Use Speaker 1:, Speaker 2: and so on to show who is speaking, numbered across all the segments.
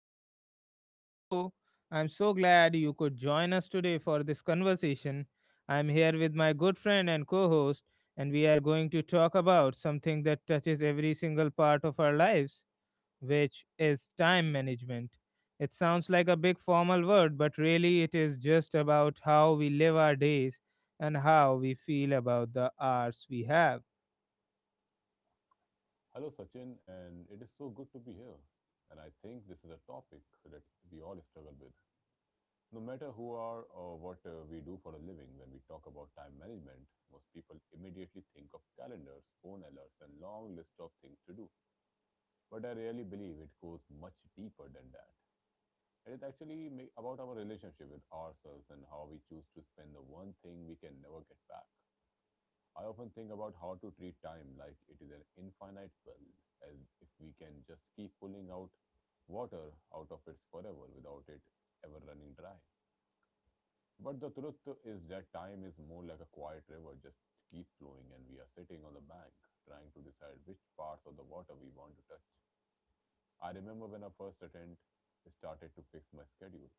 Speaker 1: everyone to our show. I'm so glad you could join us today for this conversation. I'm here with my good friend and co host, and we are going to talk about something that touches every single part of our lives, which is time management. It sounds like a big formal word, but really it is just about how we live our days and how we feel about the hours we have.
Speaker 2: Hello, Sachin, and it is so good to be here. And I think this is a topic that we all struggle with. No matter who are or what we do for a living, when we talk about time management, most people immediately think of calendars, phone alerts, and long list of things to do. But I really believe it goes much deeper than that. It is actually about our relationship with ourselves and how we choose to spend the one thing we can never get back. I often think about how to treat time like it is an infinite well, as if we can just keep pulling out water out of it forever without it ever running dry. But the truth is that time is more like a quiet river, just keep flowing, and we are sitting on the bank trying to decide which parts of the water we want to touch. I remember when I first attempt started to fix my schedule.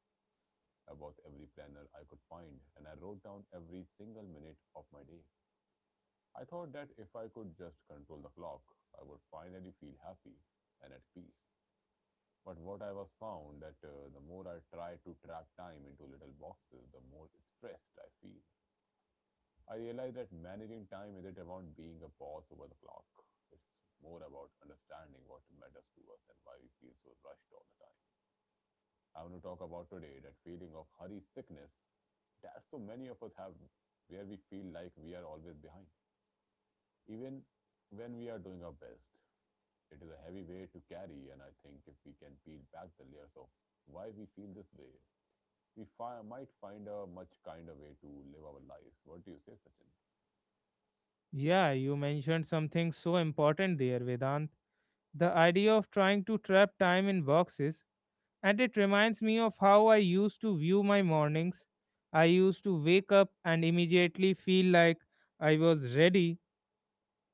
Speaker 2: I bought every planner I could find and I wrote down every single minute of my day. I thought that if I could just control the clock, I would finally feel happy and at peace. But what I was found that the more I tried to trap time into little boxes, the more stressed I feel. I realized that managing time isn't about being a boss over the clock. It's more about understanding what matters to us and why we feel so rushed all the time. I want to talk about today that feeling of hurry sickness that so many of us have, where we feel like we are always behind. Even when we are doing our best, it is a heavy weight to carry, and I think if we can peel back the layers of why we feel this way, might find a much kinder way to live our lives. What do you say, Sachin?
Speaker 1: Yeah, you mentioned something so important there, Vedant. The idea of trying to trap time in boxes, and it reminds me of how I used to view my mornings. I used to wake up and immediately feel like I was ready.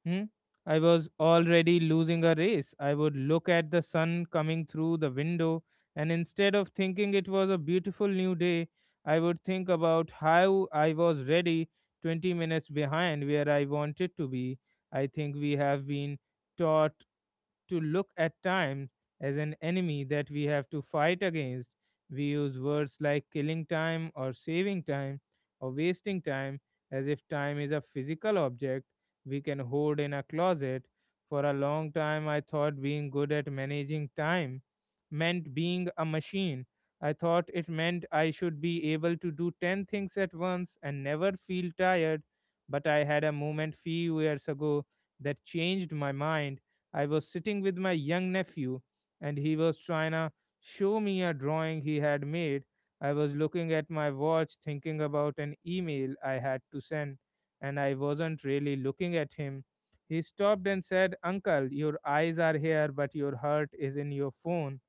Speaker 1: hmm? I was already losing a race. I would look at the sun coming through the window, and instead of thinking it was a beautiful new day, I would think about how I was ready 20 minutes behind where I wanted to be. I think we have been taught to look at time as an enemy that we have to fight against. We use words like killing time or saving time or wasting time as if time is a physical object we can hoard in a closet. For a long time, I thought being good at managing time meant being a machine. I thought it meant I should be able to do 10 things at once and never feel tired. But I had a moment few years ago that changed my mind. I was sitting with my young nephew, and he was trying to show me a drawing he had made. I was looking at my watch, thinking about an email I had to send, and I wasn't really looking at him. He stopped and said, "Uncle, your eyes are here, but your heart is in your phone."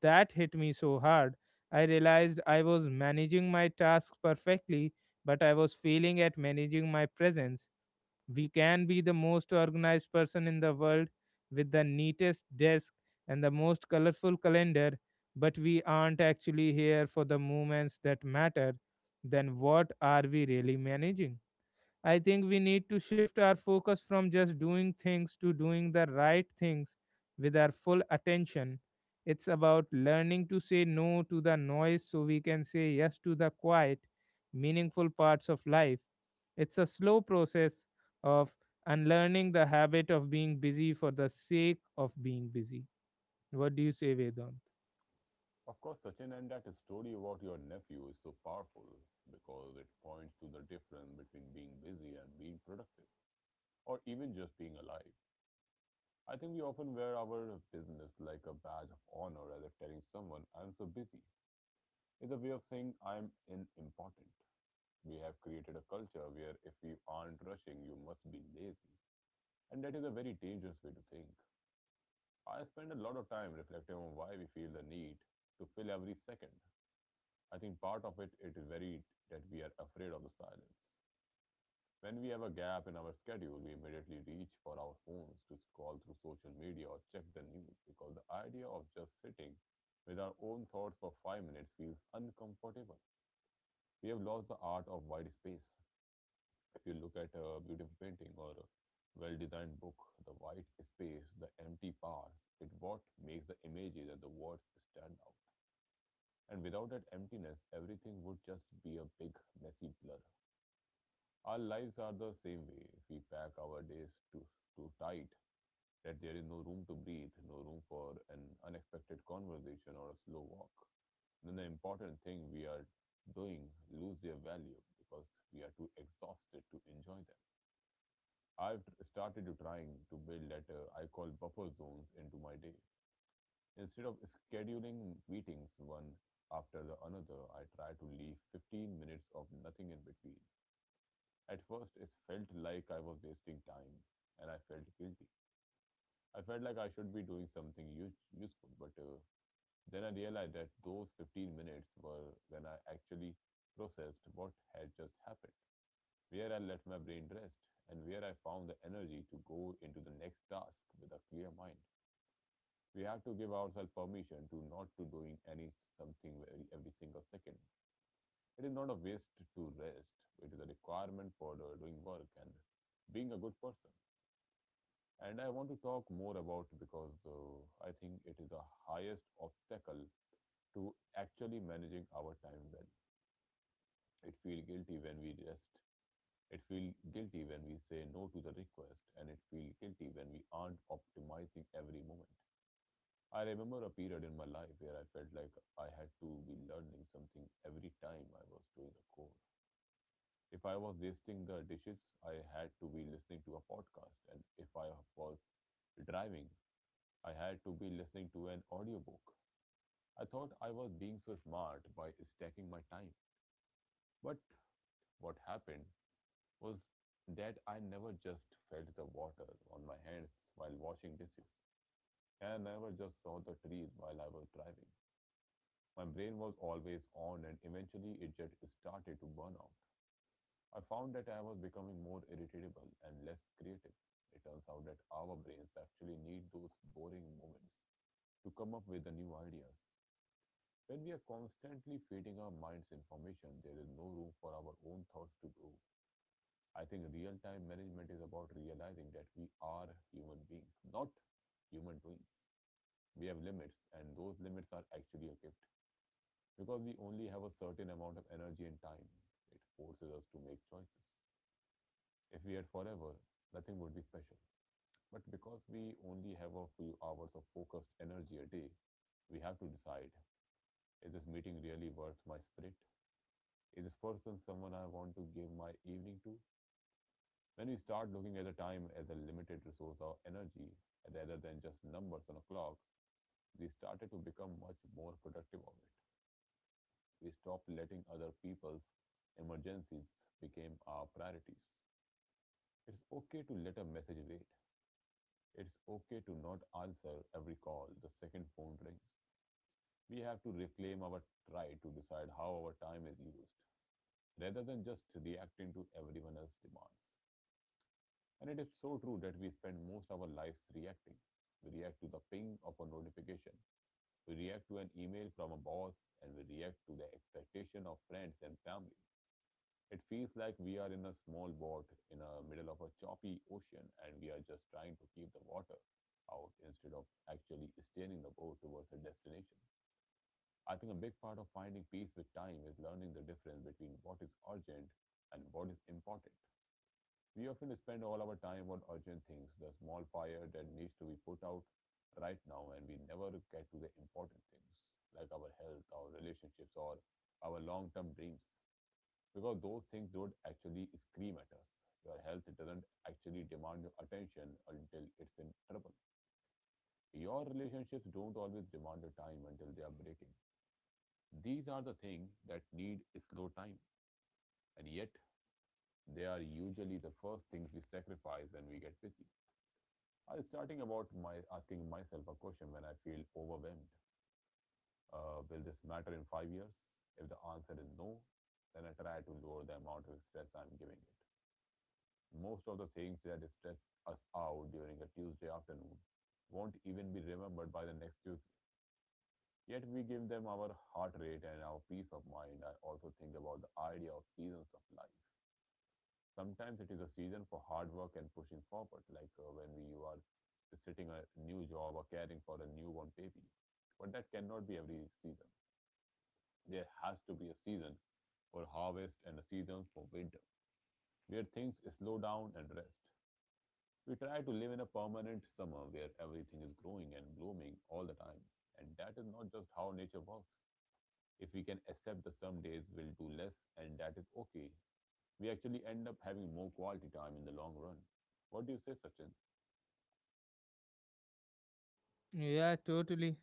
Speaker 1: That hit me so hard. I realized I was managing my tasks perfectly, but I was failing at managing my presence. We can be the most organized person in the world with the neatest desk and the most colorful calendar, but we aren't actually here for the moments that matter, then what are we really managing? I think we need to shift our focus from just doing things to doing the right things with our full attention. It's about learning to say no to the noise so we can say yes to the quiet, meaningful parts of life. It's a slow process of unlearning the habit of being busy for the sake of being busy. What do you say, Vedant?
Speaker 2: Of course, Sachin, and that story about your nephew is so powerful because it points to the difference between being busy and being productive, or even just being alive. I think we often wear our business like a badge of honor, as if telling someone, I'm so busy. Is a way of saying, I'm unimportant. We have created a culture where if you aren't rushing, you must be lazy. And that is a very dangerous way to think. I spend a lot of time reflecting on why we feel the need to fill every second. I think part of it is very that we are afraid of the silence. When we have a gap in our schedule, we immediately reach for our phones to scroll through social media or check the news because the idea of just sitting with our own thoughts for 5 minutes feels uncomfortable. We have lost the art of wide space. If you look at a beautiful painting or a well-designed book, the white space, the empty parts it what makes the images and the words stand out. And without that emptiness, everything would just be a big messy blur. Our lives are the same way. If we pack our days too tight, that there is no room to breathe, no room for an unexpected conversation or a slow walk. Then the important thing we are doing lose their value because we are too exhausted to enjoy them. Started trying to build that I call buffer zones into my day. Instead of scheduling meetings one after the another, I try to leave 15 minutes of nothing in between. At first, it felt like I was wasting time, and I felt guilty. I felt like I should be doing something useful, but then I realized that those 15 minutes were when I actually processed what had just happened. Where I let my brain rest, and where I found the energy to go into the next task with a clear mind. We have to give ourselves permission to not to doing any something every single second. It is not a waste to rest, but it is a requirement for the doing work and being a good person. And I want to talk more about because I think it is the highest obstacle to actually managing our time well. It feels guilty when we rest. It feels guilty when we say no to the request, and it feels guilty when we aren't optimizing every moment. I remember a period in my life where I felt like I had to be learning something every time I was doing a core. If I was wasting the dishes, I had to be listening to a podcast, and if I was driving, I had to be listening to an audiobook. I thought I was being so smart by stacking my time. But what happened was that I never just felt the water on my hands while washing dishes, and I never just saw the trees while I was driving. My brain was always on, and eventually it just started to burn out. I found that I was becoming more irritable and less creative. It turns out that our brains actually need those boring moments to come up with the new ideas. When we are constantly feeding our minds information, there is no room for our own thoughts to grow. I think real time management is about realizing that we are human beings, not human doings. We have limits, and those limits are actually a gift because we only have a certain amount of energy and time. It forces us to make choices. If we had forever, nothing would be special. But because we only have a few hours of focused energy a day, we have to decide, is this meeting really worth my spirit? Is this person someone I want to give my evening to? When we start looking at the time as a limited resource of energy rather than just numbers on a clock, we started to become much more productive of it. We stopped letting other people's emergencies become our priorities. It's okay to let a message wait. It's okay to not answer every call the second phone rings. We have to reclaim our right to decide how our time is used rather than just reacting to everyone else's demands. And it is so true that we spend most of our lives reacting. We react to the ping of a notification, we react to an email from a boss, and we react to the expectation of friends and family. It feels like we are in a small boat in the middle of a choppy ocean and we are just trying to keep the water out instead of actually steering the boat towards a destination. I think a big part of finding peace with time is learning the difference between what is urgent and what is important. We often spend all our time on urgent things, the small fire that needs to be put out right now, and we never get to the important things like our health, our relationships, or our long term dreams because those things don't actually scream at us. Your health doesn't actually demand your attention until it's in trouble. Your relationships don't always demand your time until they are breaking. These are the things that need slow time, and yet they are usually the first things we sacrifice when we get busy. I starting about my asking myself a question when I feel overwhelmed. Will this matter in 5 years? If the answer is no, then I try to lower the amount of stress I'm giving it. Most of the things that stress us out during a Tuesday afternoon won't even be remembered by the next Tuesday. Yet we give them our heart rate and our peace of mind. I also think about the idea of seasons of life. Sometimes it is a season for hard work and pushing forward, like when we you are sitting a new job or caring for a newborn baby. But that cannot be every season. There has to be a season for harvest and a season for winter, where things slow down and rest. We try to live in a permanent summer where everything is growing and blooming all the time, and that is not just how nature works. If we can accept the some days will do less and that is okay, we actually end up having more quality time in the long run. What do you say, Sachin?
Speaker 1: Yeah, totally.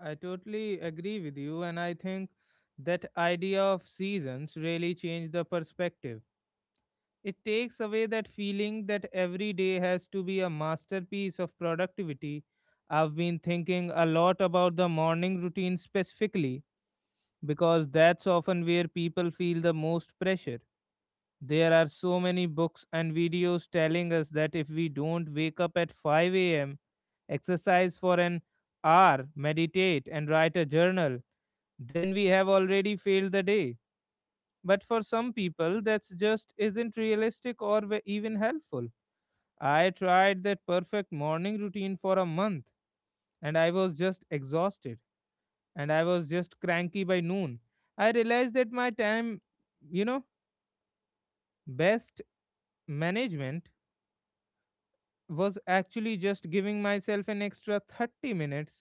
Speaker 1: I totally agree with you, and I think that idea of seasons really changed the perspective. It takes away that feeling that every day has to be a masterpiece of productivity. I've been thinking a lot about the morning routine specifically because that's often where people feel the most pressure. There are so many books and videos telling us that if we don't wake up at 5 a.m., exercise for an hour, meditate, and write a journal, then we have already failed the day. But for some people, that's just isn't realistic or even helpful. I tried that perfect morning routine for a month, and I was just exhausted, and I was just cranky by noon. I realized that my time, you know, best management was actually just giving myself an extra 30 minutes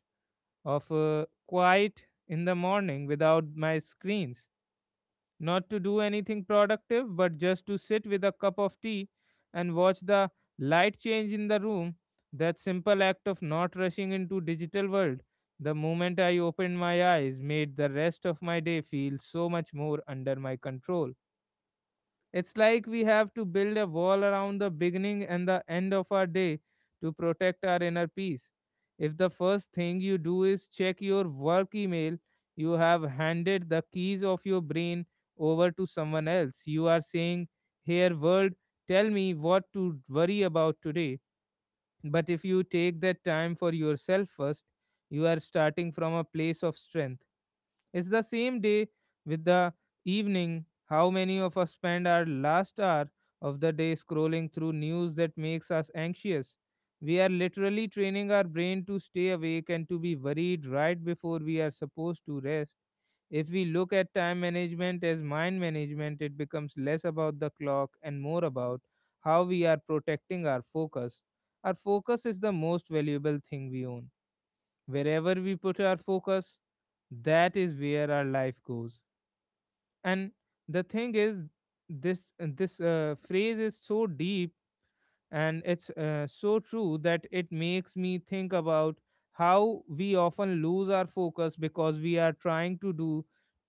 Speaker 1: of quiet in the morning without my screens. Not to do anything productive, but just to sit with a cup of tea and watch the light change in the room. That simple act of not rushing into digital world the moment I opened my eyes made the rest of my day feel so much more under my control. It's like we have to build a wall around the beginning and the end of our day to protect our inner peace. If the first thing you do is check your work email, you have handed the keys of your brain over to someone else. You are saying, "Here, world, tell me what to worry about today." But if you take that time for yourself first, you are starting from a place of strength. It's the same day with the evening. How many of us spend our last hour of the day scrolling through news that makes us anxious? We are literally training our brain to stay awake and to be worried right before we are supposed to rest. If we look at time management as mind management, it becomes less about the clock and more about how we are protecting our focus. Our focus is the most valuable thing we own. Wherever we put our focus, that is where our life goes. And the thing is, this phrase is so deep, and it's so true that it makes me think about how we often lose our focus because we are trying to do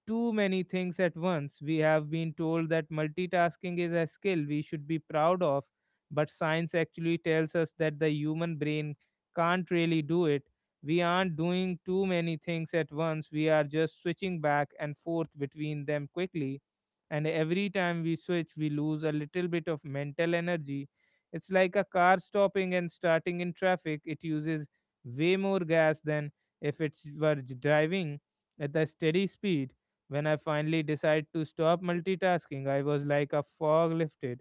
Speaker 1: too many things at once. We have been told that multitasking is a skill we should be proud of, but science actually tells us that the human brain can't really do it. We aren't doing too many things at once, we are just switching back and forth between them quickly. And every time we switch, we lose a little bit of mental energy. It's like a car stopping and starting in traffic. It uses way more gas than if it were driving at the steady speed. When I finally decided to stop multitasking, I was like a fog lifted.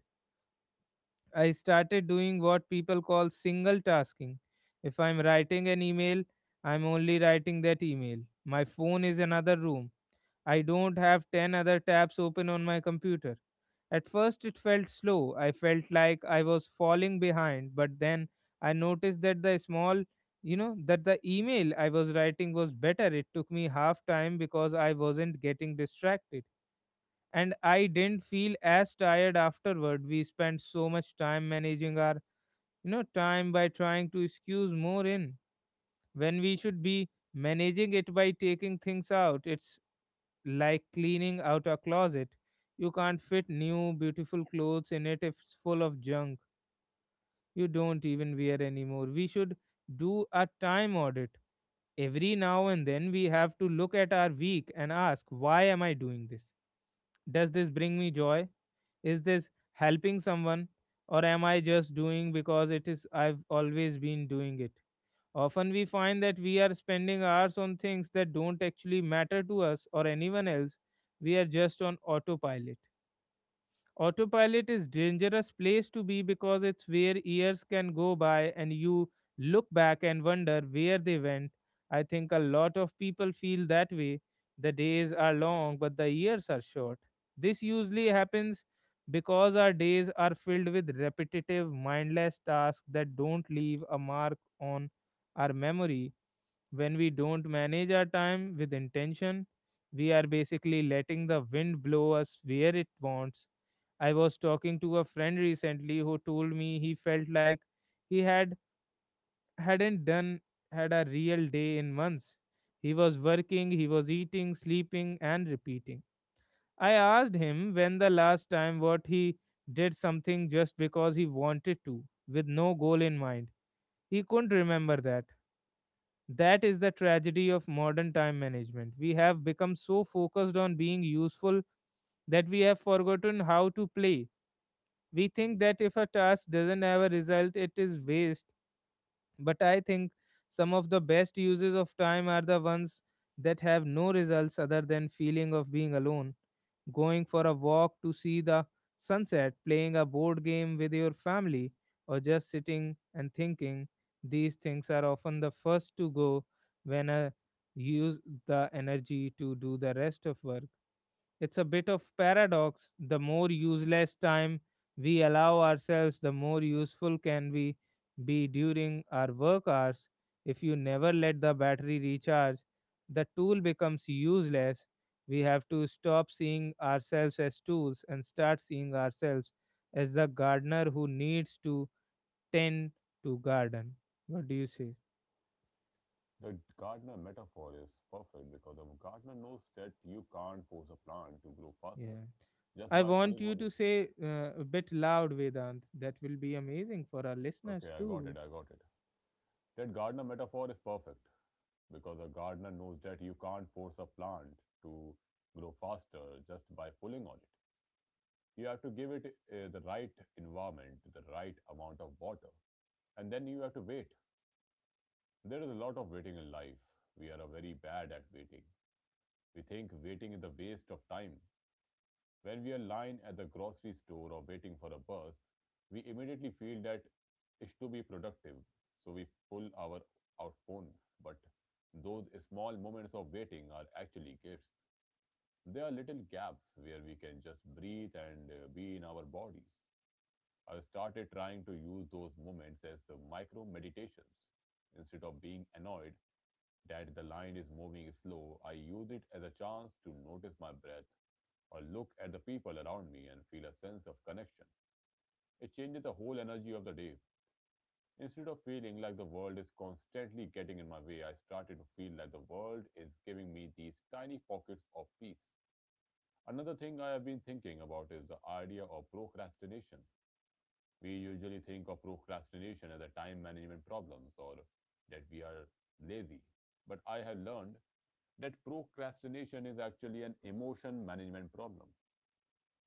Speaker 1: I started doing what people call single tasking. If I'm writing an email, I'm only writing that email. My phone is another room. I don't have 10 other tabs open on my computer. At first, it felt slow. I felt like I was falling behind, but then I noticed that the small, you know, that the email I was writing was better. It took me half time because I wasn't getting distracted. And I didn't feel as tired afterward. We spent so much time managing our, you know, time by trying to squeeze more in when we should be managing it by taking things out. It's like cleaning out a closet. You can't fit new, beautiful clothes in it if it's full of junk you don't even wear anymore. We should do a time audit. Every now and then, we have to look at our week and ask, why am I doing this? Does this bring me joy? Is this helping someone? Or am I just doing because it is I've always been doing it? Often we find that we are spending hours on things that don't actually matter to us or anyone else. We are just on autopilot. Autopilot is dangerous place to be because it's where years can go by and you look back and wonder where they went. I think a lot of people feel that way. The days are long but the years are short. This usually happens because our days are filled with repetitive mindless tasks that don't leave a mark on our memory. When we don't manage our time with intention, we are basically letting the wind blow us where it wants. I was talking to a friend recently who told me he felt like he had hadn't done had a real day in months. He was working, he was eating, sleeping and repeating. I asked him when the last time what he did something just because he wanted to with no goal in mind. He couldn't remember that. That is the tragedy of modern time management. We have become so focused on being useful that we have forgotten how to play. We think that if a task doesn't have a result, it is waste. But I think some of the best uses of time are the ones that have no results other than feeling of being alone, going for a walk to see the sunset, playing a board game with your family, or just sitting and thinking. These things are often the first to go when I use the energy to do the rest of work. It's a bit of paradox. The more useless time we allow ourselves, the more useful can we be during our work hours. If you never let the battery recharge, the tool becomes useless. We have to stop seeing ourselves as tools and start seeing ourselves as the gardener who needs to tend to garden. What do you say?
Speaker 2: The gardener metaphor is perfect because a gardener knows that you can't force a plant to grow faster
Speaker 1: Yeah.
Speaker 2: just
Speaker 1: I
Speaker 2: by
Speaker 1: want
Speaker 2: pulling
Speaker 1: you
Speaker 2: on
Speaker 1: to
Speaker 2: it.
Speaker 1: say a bit loud, Vedant. That will be amazing for our
Speaker 2: Okay,
Speaker 1: listeners too.
Speaker 2: I got it. That gardener metaphor is perfect because a gardener knows that you can't force a plant to grow faster just by pulling on it. You have to give it the right environment, the right amount of water, and then you have to wait. There is a lot of waiting in life. We are very bad at waiting. We think waiting is a waste of time. When we are lying at the grocery store or waiting for a bus, we immediately feel that is to be productive. So we pull our out phones. But those small moments of waiting are actually gifts. They are little gaps where we can just breathe and be in our bodies. I started trying to use those moments as micro meditations. Instead of being annoyed, that the line is moving slow, I use it as a chance to notice my breath or look at the people around me and feel a sense of connection. It changes the whole energy of the day. Instead of feeling like the world is constantly getting in my way, I started to feel like the world is giving me these tiny pockets of peace. Another thing I have been thinking about is the idea of procrastination. We usually think of procrastination as a time management problems or that we are lazy. But I have learned that procrastination is actually an emotion management problem.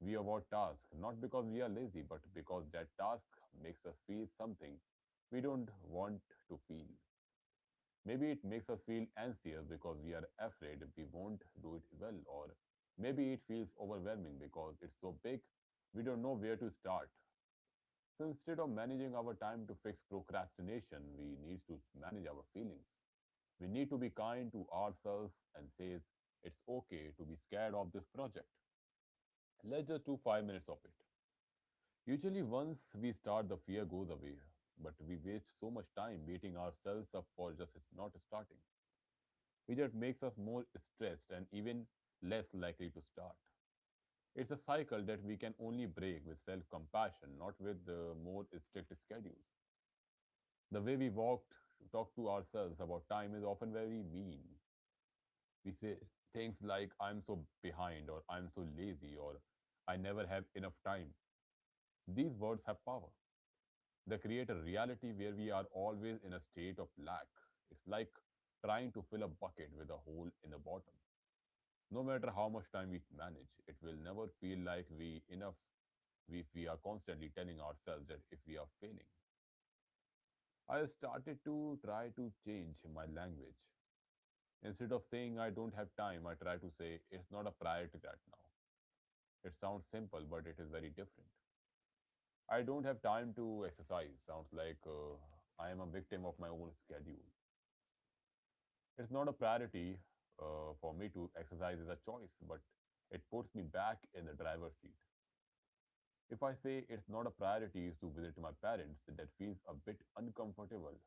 Speaker 2: We avoid tasks not because we are lazy, but because that task makes us feel something we don't want to feel. Maybe it makes us feel anxious because we are afraid we won't do it well, or maybe it feels overwhelming because it's so big we don't know where to start. So instead of managing our time to fix procrastination, we need to manage our feelings. We need to be kind to ourselves and says it's okay to be scared of this project. Let's just do 5 minutes of it. Usually, once we start, the fear goes away. But we waste so much time beating ourselves up for just not starting, which just makes us more stressed and even less likely to start. It's a cycle that we can only break with self compassion, not with more strict schedules. The way we walked, talk to ourselves about time is often very mean. We say things like, I'm so behind, or I'm so lazy, or I never have enough time. These words have power. They create a reality where we are always in a state of lack. It's like trying to fill a bucket with a hole in the bottom. No matter how much time we manage, it will never feel like we enough if we are constantly telling ourselves that if we are failing. I started to try to change my language. Instead of saying I don't have time, I try to say it's not a priority right now. It sounds simple, but it is very different. I don't have time to exercise. Sounds like I am a victim of my own schedule. It's not a priority for me to exercise is a choice, but it puts me back in the driver's seat. If I say it's not a priority to visit my parents, that feels a bit uncomfortable,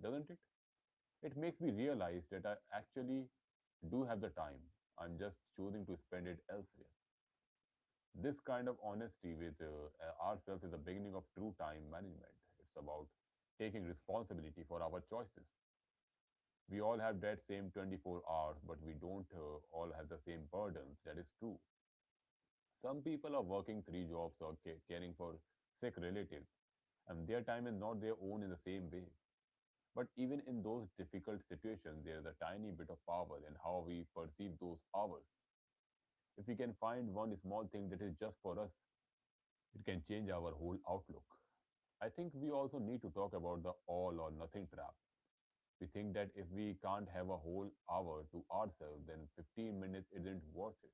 Speaker 2: doesn't it? It makes me realize that I actually do have the time. I'm just choosing to spend it elsewhere. This kind of honesty with ourselves is the beginning of true time management. It's about taking responsibility for our choices. We all have that same 24 hours, but we don't all have the same burdens. That is true. Some people are working three jobs or caring for sick relatives, and their time is not their own in the same way. But even in those difficult situations, there is a tiny bit of power in how we perceive those hours. If we can find one small thing that is just for us, it can change our whole outlook. I think we also need to talk about the all or nothing trap. We think that if we can't have a whole hour to ourselves, then 15 minutes isn't worth it.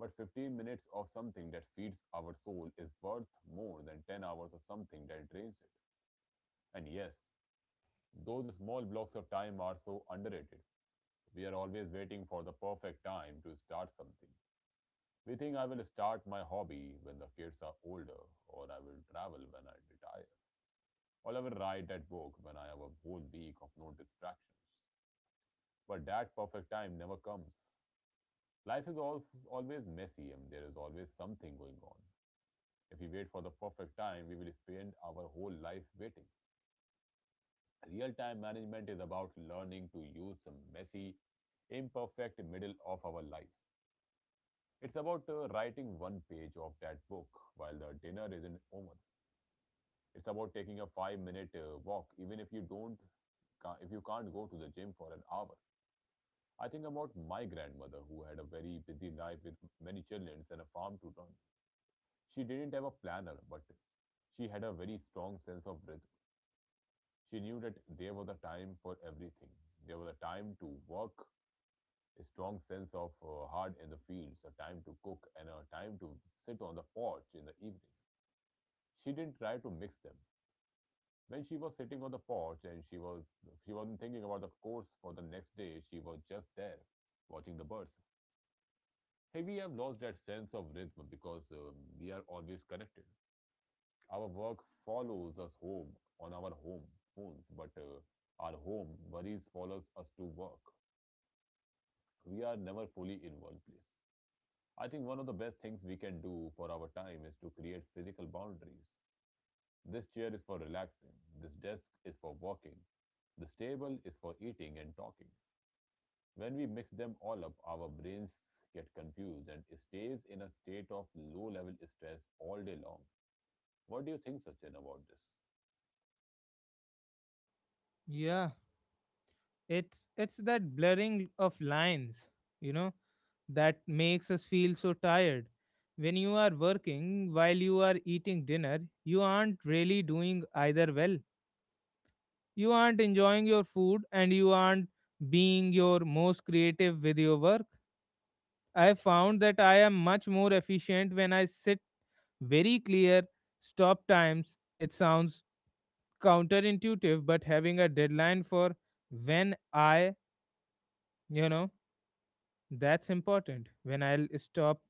Speaker 2: But 15 minutes of something that feeds our soul is worth more than 10 hours of something that drains it. And yes, those small blocks of time are so underrated. We are always waiting for the perfect time to start something. We think I will start my hobby when the kids are older, or I will travel when I retire. Oliver right at work when I have a whole week of no distractions. But that perfect time never comes. Life is always messy and there is always something going on. If we wait for the perfect time, we will spend our whole lives waiting. Real time management is about learning to use the messy, imperfect middle of our lives. It's about writing one page of that book while the dinner isn't over. It's about taking a 5 minute walk, even if you don't, if you can't go to the gym for an hour. I think about my grandmother, who had a very busy life with many children and a farm to run. She didn't have a planner, but she had a very strong sense of rhythm. She knew that there was a time for everything. There was a time to work, a strong sense of hard in the fields, a time to cook, and a time to sit on the porch in the evening. She didn't try to mix them. When she was sitting on the porch and she wasn't thinking about the course for the next day, she was just there, watching the birds. Hey, we have lost that sense of rhythm because we are always connected. Our work follows us home on our home phones, but our home worries follows us to work. We are never fully in one place. I think one of the best things we can do for our time is to create physical boundaries. This chair is for relaxing, this desk is for working, this table is for eating and talking. When we mix them all up, our brains get confused and stays in a state of low level stress all day long. What do you think, Sachin, about this?
Speaker 1: Yeah, it's that blurring of lines, you know, that makes us feel so tired. When you are working while you are eating dinner, you aren't really doing either well. You aren't enjoying your food and you aren't being your most creative with your work. I found that I am much more efficient when I sit very clear stop times. It sounds counterintuitive, but having a deadline for when I, you know, that's important. When I'll stop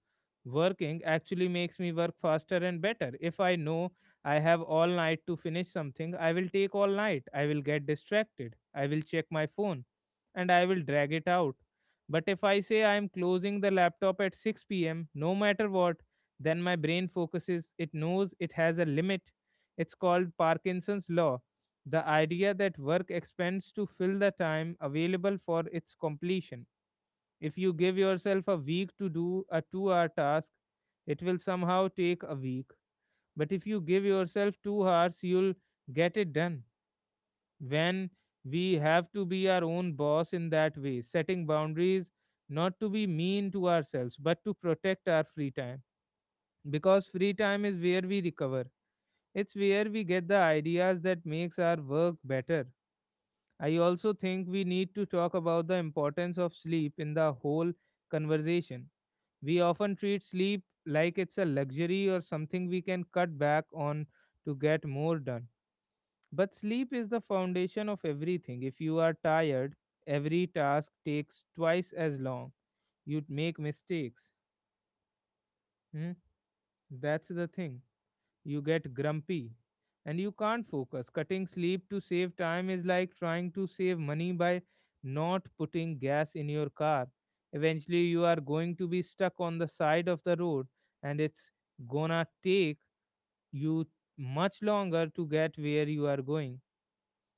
Speaker 1: working actually makes me work faster and better. If I know I have all night to finish something, I will take all night. I will get distracted. I will check my phone and I will drag it out. But if I say I am closing the laptop at 6 p.m., no matter what, then my brain focuses. It knows it has a limit. It's called Parkinson's law. The idea that work expands to fill the time available for its completion, if you give yourself a week to do a 2-hour task, it will somehow take a week. But if you give yourself 2 hours, you'll get it done. When we have to be our own boss in that way, setting boundaries not to be mean to ourselves, but to protect our free time. Because free time is where we recover. It's where we get the ideas that makes our work better. I also think we need to talk about the importance of sleep in the whole conversation. We often treat sleep like it's a luxury or something we can cut back on to get more done. But sleep is the foundation of everything. If you are tired, every task takes twice as long. You'd make mistakes. Hmm? That's the thing. You get grumpy and you can't focus. Cutting sleep to save time is like trying to save money by not putting gas in your car. Eventually, you are going to be stuck on the side of the road, and it's gonna take you much longer to get where you are going.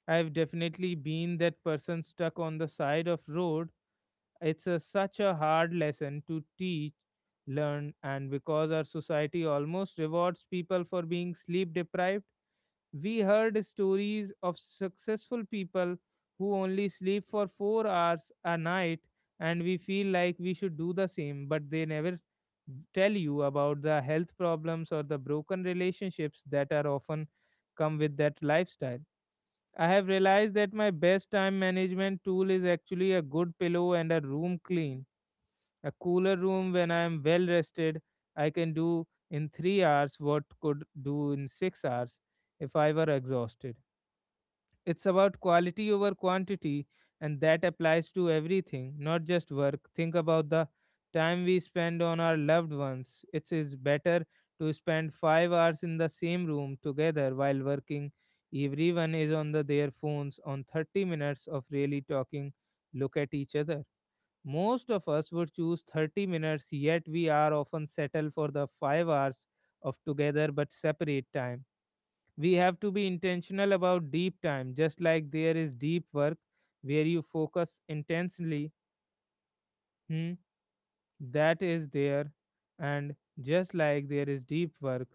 Speaker 1: I've definitely been that person stuck on the side of road. It's such a hard lesson to learn, and because our society almost rewards people for being sleep deprived, we heard stories of successful people who only sleep for 4 hours a night, and we feel like we should do the same, but they never tell you about the health problems or the broken relationships that are often come with that lifestyle. I have realized that my best time management tool is actually a good pillow and a room clean. A cooler room. When I am well rested, I can do in 3 hours what could do in 6 hours if I were exhausted. It's about quality over quantity, and that applies to everything, not just work. Think about the time we spend on our loved ones. It is better to spend 5 hours in the same room together while working. Everyone is on their phones on 30 minutes of really talking. Look at each other. Most of us would choose 30 minutes, yet we are often settled for the 5 hours of together but separate time. We have to be intentional about deep time, just like there is deep work where you focus intensely, hmm, that is there, and just like there is deep work,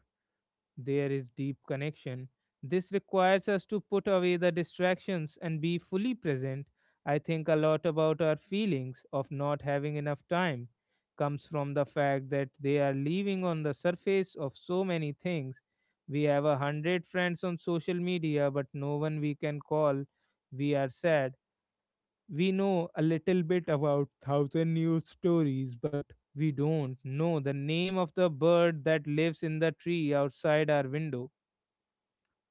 Speaker 1: there is deep connection. This requires us to put away the distractions and be fully present. I think a lot about our feelings of not having enough time comes from the fact that they are living on the surface of so many things. We have 100 friends on social media, but no one we can call. We are sad. We know a little bit about 1,000 news stories, but we don't know the name of the bird that lives in the tree outside our window.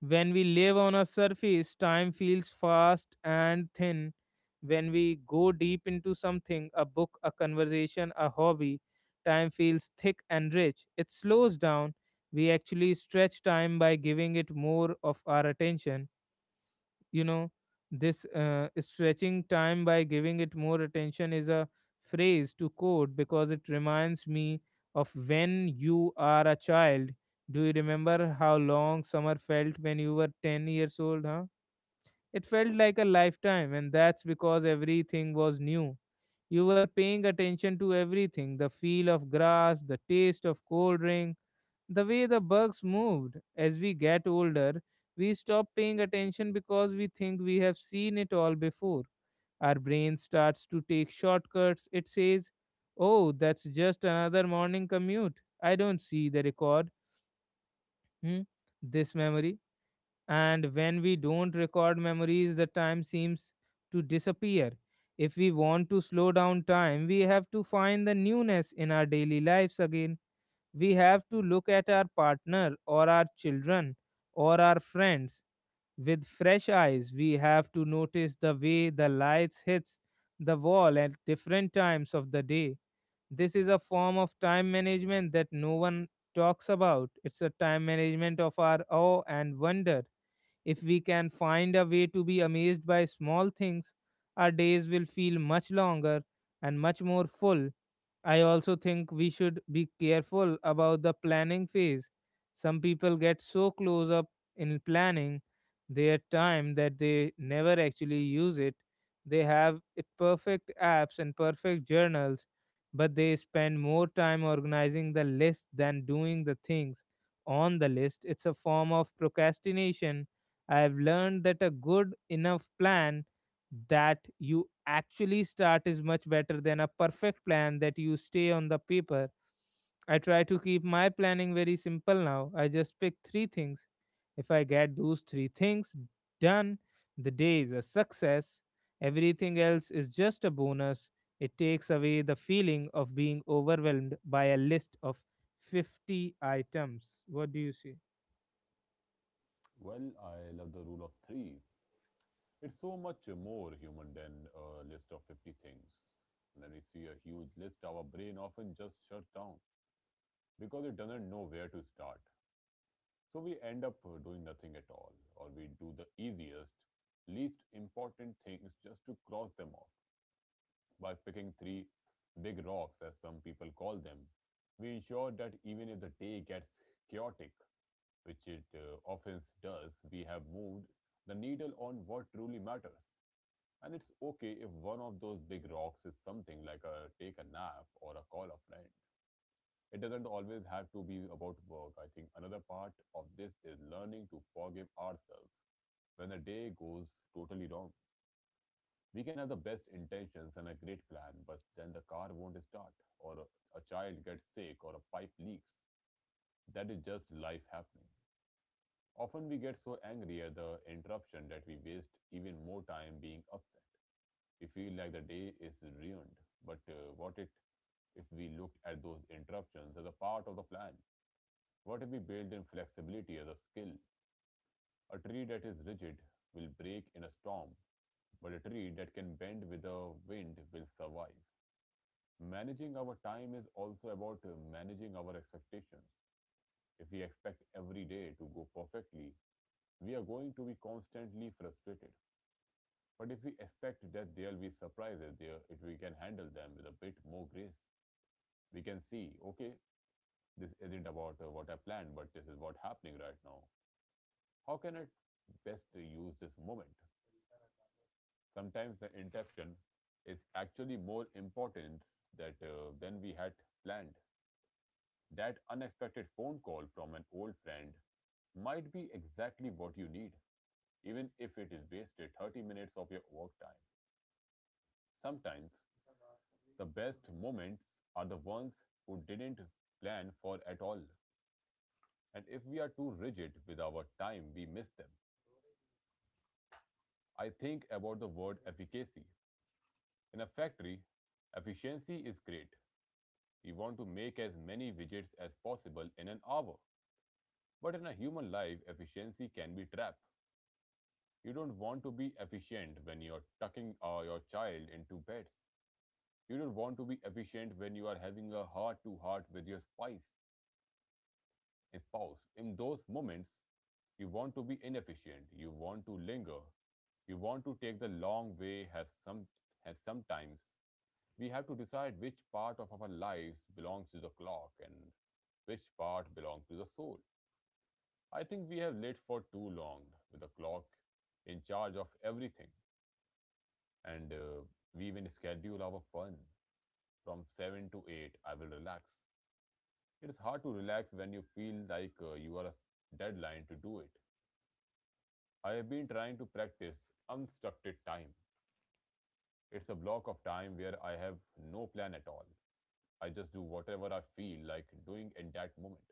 Speaker 1: When we live on a surface, time feels fast and thin. When we go deep into something, a book, a conversation, a hobby, time feels thick and rich. It slows down. We actually stretch time by giving it more of our attention you know this stretching time by giving it more attention is a phrase to quote, because it reminds me of when you are a child. Do you remember how long summer felt when you were 10 years old? It felt like a lifetime, and that's because everything was new. You were paying attention to everything: the feel of grass, the taste of cold rain, the way the bugs moved. As we get older, we stop paying attention because we think we have seen it all before. Our brain starts to take shortcuts. It says, "Oh, that's just another morning commute. I don't see the record. Hmm? This memory." And when we don't record memories, the time seems to disappear. If we want to slow down time, we have to find the newness in our daily lives again. We have to look at our partner or our children or our friends with fresh eyes. We have to notice the way the lights hits the wall at different times of the day. This is a form of time management that no one talks about. It's a time management of our awe and wonder. If we can find a way to be amazed by small things, our days will feel much longer and much more full. I also think we should be careful about the planning phase. Some people get so close up in planning their time that they never actually use it. They have it perfect apps and perfect journals, but they spend more time organizing the list than doing the things on the list. It's a form of procrastination. I have learned that a good enough plan that you actually start is much better than a perfect plan that you stay on the paper. I try to keep my planning very simple now. I just pick three things. If I get those three things done, the day is a success. Everything else is just a bonus. It takes away the feeling of being overwhelmed by a list of 50 items. What do you see?
Speaker 2: Well, I love the rule of three. It's so much more human than a list of 50 things. When we see a huge list, our brain often just shuts down because it doesn't know where to start. So we end up doing nothing at all, or we do the easiest, least important things just to cross them off. By picking three big rocks, as some people call them. We ensure that even if the day gets chaotic, which it often does, we have moved the needle on what truly matters. And it's okay if one of those big rocks is something like a take a nap or a call a friend. It doesn't always have to be about work. I think another part of this is learning to forgive ourselves when the day goes totally wrong. We can have the best intentions and a great plan, but then the car won't start, or a child gets sick, or a pipe leaks. That is just life happening. Often we get so angry at the interruption that we waste even more time being upset. We feel like the day is ruined. But what it if we looked at those interruptions as a part of the plan? What if we build in flexibility as a skill? A tree that is rigid will break in a storm, but a tree that can bend with the wind will survive. Managing our time is also about managing our expectations. If we expect every day to go perfectly, we are going to be constantly frustrated. But if we expect that there'll be surprises there, if we can handle them with a bit more grace, we can see, okay, this isn't about what I planned, but this is what's happening right now. How can I best use this moment? Sometimes the interruption is actually more important that than we had planned. That unexpected phone call from an old friend might be exactly what you need, even if it is wasted 30 minutes of your work time. Sometimes the best moments are the ones who didn't plan for at all. And if we are too rigid with our time, we miss them. I think about the word efficacy. In a factory, efficiency is great. We want to make as many widgets as possible in an hour. But in a human life, efficiency can be trapped. You don't want to be efficient when you're tucking your child into beds. You don't want to be efficient when you are having a heart to heart with your spice and spouse. In those moments, you want to be inefficient. You want to linger. You want to take the long way. Have some. Have sometimes we have to decide which part of our lives belongs to the clock and which part belongs to the soul. I think we have lived for too long with the clock in charge of everything. And We even schedule our fun from 7 to 8. I will relax. It is hard to relax when you feel like you are a deadline to do it. I have been trying to practice unstructured time. It's a block of time where I have no plan at all. I just do whatever I feel like doing in that moment.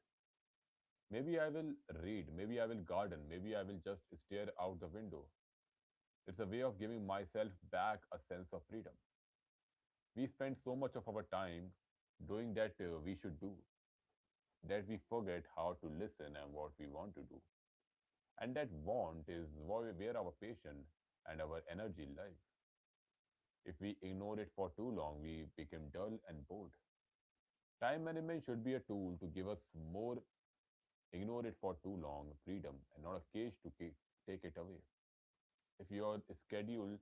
Speaker 2: Maybe I will read, maybe I will garden, maybe I will just stare out the window. It's a way of giving myself back a sense of freedom. We spend so much of our time doing that we should do, that we forget how to listen and what we want to do. And that want is where our passion and our energy live. If we ignore it for too long, we become dull and bored. Time management should be a tool to give us more, ignore it for too long, freedom, and not a cage to take it away. If your schedule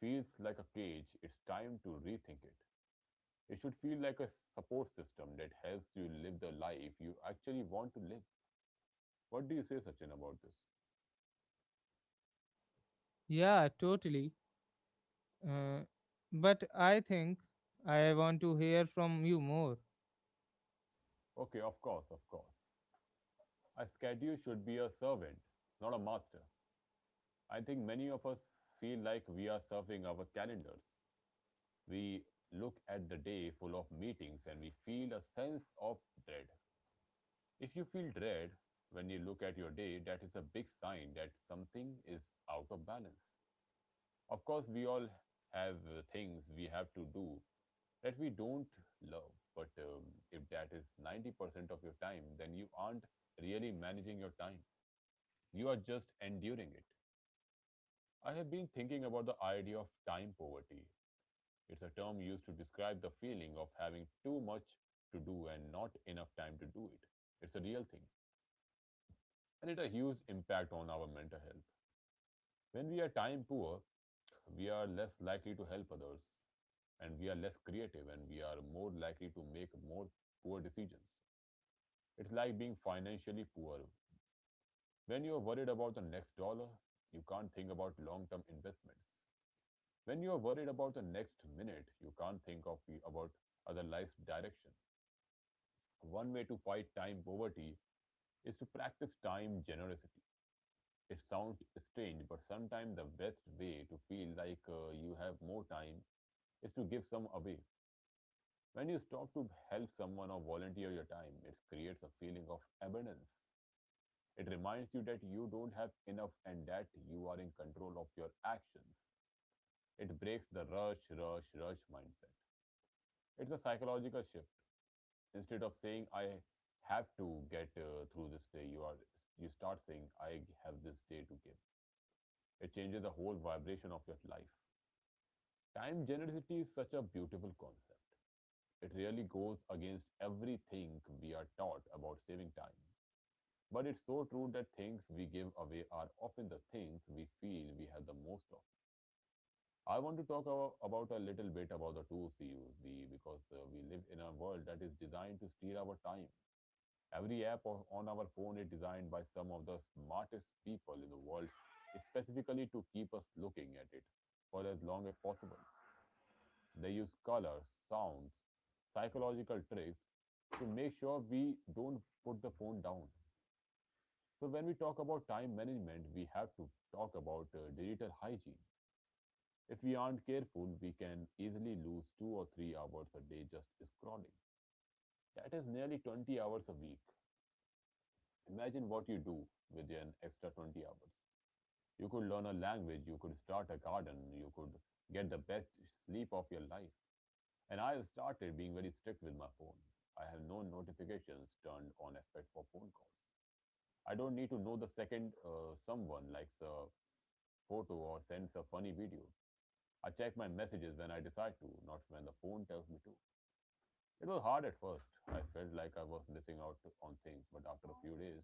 Speaker 2: feels like a cage, it's time to rethink it. It should feel like a support system that helps you live the life you actually want to live. What do you say, Sachin, about this?
Speaker 1: Yeah, totally. Uh, but I think I want to hear from you more.
Speaker 2: Okay, of course, of course. A schedule should be a servant, not a master. I think many of us feel like we are serving our calendars. We look at the day full of meetings and we feel a sense of dread. If you feel dread when you look at your day, that is a big sign that something is out of balance. Of course, we all have things we have to do that we don't love, but if that is 90% of your time, then you aren't really managing your time. You are just enduring it. I have been thinking about the idea of time poverty. It's a term used to describe the feeling of having too much to do and not enough time to do it. It's a real thing, and it has a huge impact on our mental health. When we are time poor, we are less likely to help others, and we are less creative, and we are more likely to make more poor decisions. It's like being financially poor. When you are worried about the next dollar, you can't think about long term investments. When you are worried about the next minute, you can't think of about other life's direction. One way to fight time poverty is to practice time generosity. It sounds strange, but sometimes the best way to feel like you have more time is to give some away. When you stop to help someone or volunteer your time, it creates a feeling of abundance. It reminds you that you don't have enough and that you are in control of your actions. It breaks the rush, rush, rush mindset. It's a psychological shift. Instead of saying I have to get through this day, you start saying I have this day to give. It changes the whole vibration of your life. Time generosity is such a beautiful concept. It really goes against everything we are taught about saving time, but it's so true that things we give away are often the things we feel we have the most of. I want to talk about a little bit about the tools we use we because we live in a world that is designed to steal our time. Every app on our phone is designed by some of the smartest people in the world specifically to keep us looking at it for as long as possible. They use colors, sounds, psychological tricks to make sure we don't put the phone down. So, when we talk about time management, we have to talk about digital hygiene. If we aren't careful, we can easily lose 2 or 3 hours a day just scrolling. That is nearly 20 hours a week. Imagine what you do with an extra 20 hours. You could learn a language, you could start a garden, you could get the best sleep of your life. And I have started being very strict with my phone. I have no notifications turned on except for phone calls. I don't need to know the second someone likes a photo or sends a funny video. I check my messages when I decide to, not when the phone tells me to. It was hard at first. I felt like I was missing out on things, but after a few days,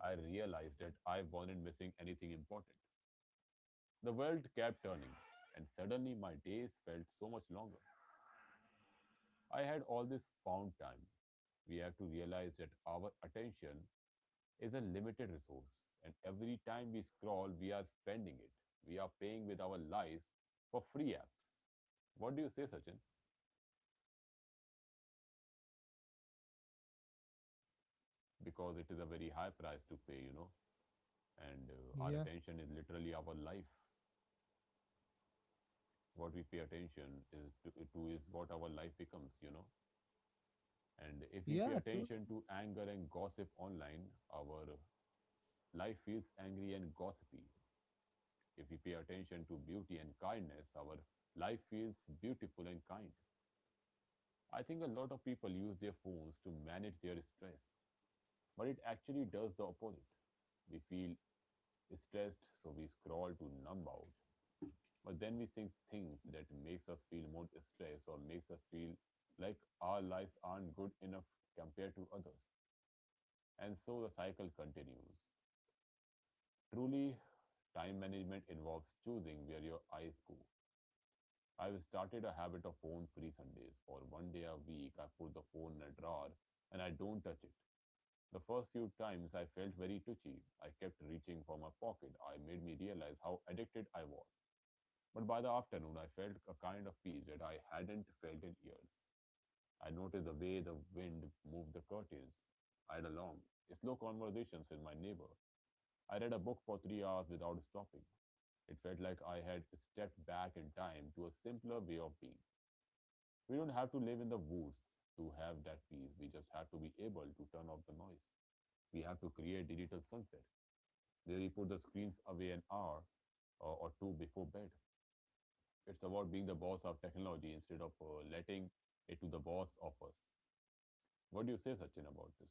Speaker 2: I realized that I wasn't missing anything important. The world kept turning, and suddenly my days felt so much longer. I had all this found time. We have to realize that our attention is a limited resource, and every time we scroll, we are spending it. We are paying with our lives for free apps. What do you say, Sachin? Because it is a very high price to pay, you know, and our
Speaker 1: Yeah,
Speaker 2: attention is literally our life. What we pay attention is to is what our life becomes, you know. And if we pay
Speaker 1: yeah, totally.
Speaker 2: attention to anger and gossip online, our life feels angry and gossipy. If we pay attention to beauty and kindness, our life feels beautiful and kind. I think a lot of people use their phones to manage their stress, but it actually does the opposite. We feel stressed, so we scroll to numb out. But then we think things that makes us feel more stressed or makes us feel like our lives aren't good enough compared to others. And so the cycle continues. Truly, time management involves choosing where your eyes go. I've started a habit of phone free Sundays. For one day a week, I put the phone in a drawer and I don't touch it. The first few times I felt very twitchy. I kept reaching for my pocket. I made me realize how addicted I was. But by the afternoon, I felt a kind of peace that I hadn't felt in years. I noticed the way the wind moved the curtains. I had a long, slow conversations with my neighbor. I read a book for 3 hours without stopping. It felt like I had stepped back in time to a simpler way of being. We don't have to live in the woods to have that peace. We just have to be able to turn off the noise. We have to create digital sunsets where we put the screens away an hour or two before bed. It's about being the boss of technology instead of letting it to the boss of us. What do you say, Sachin, about this?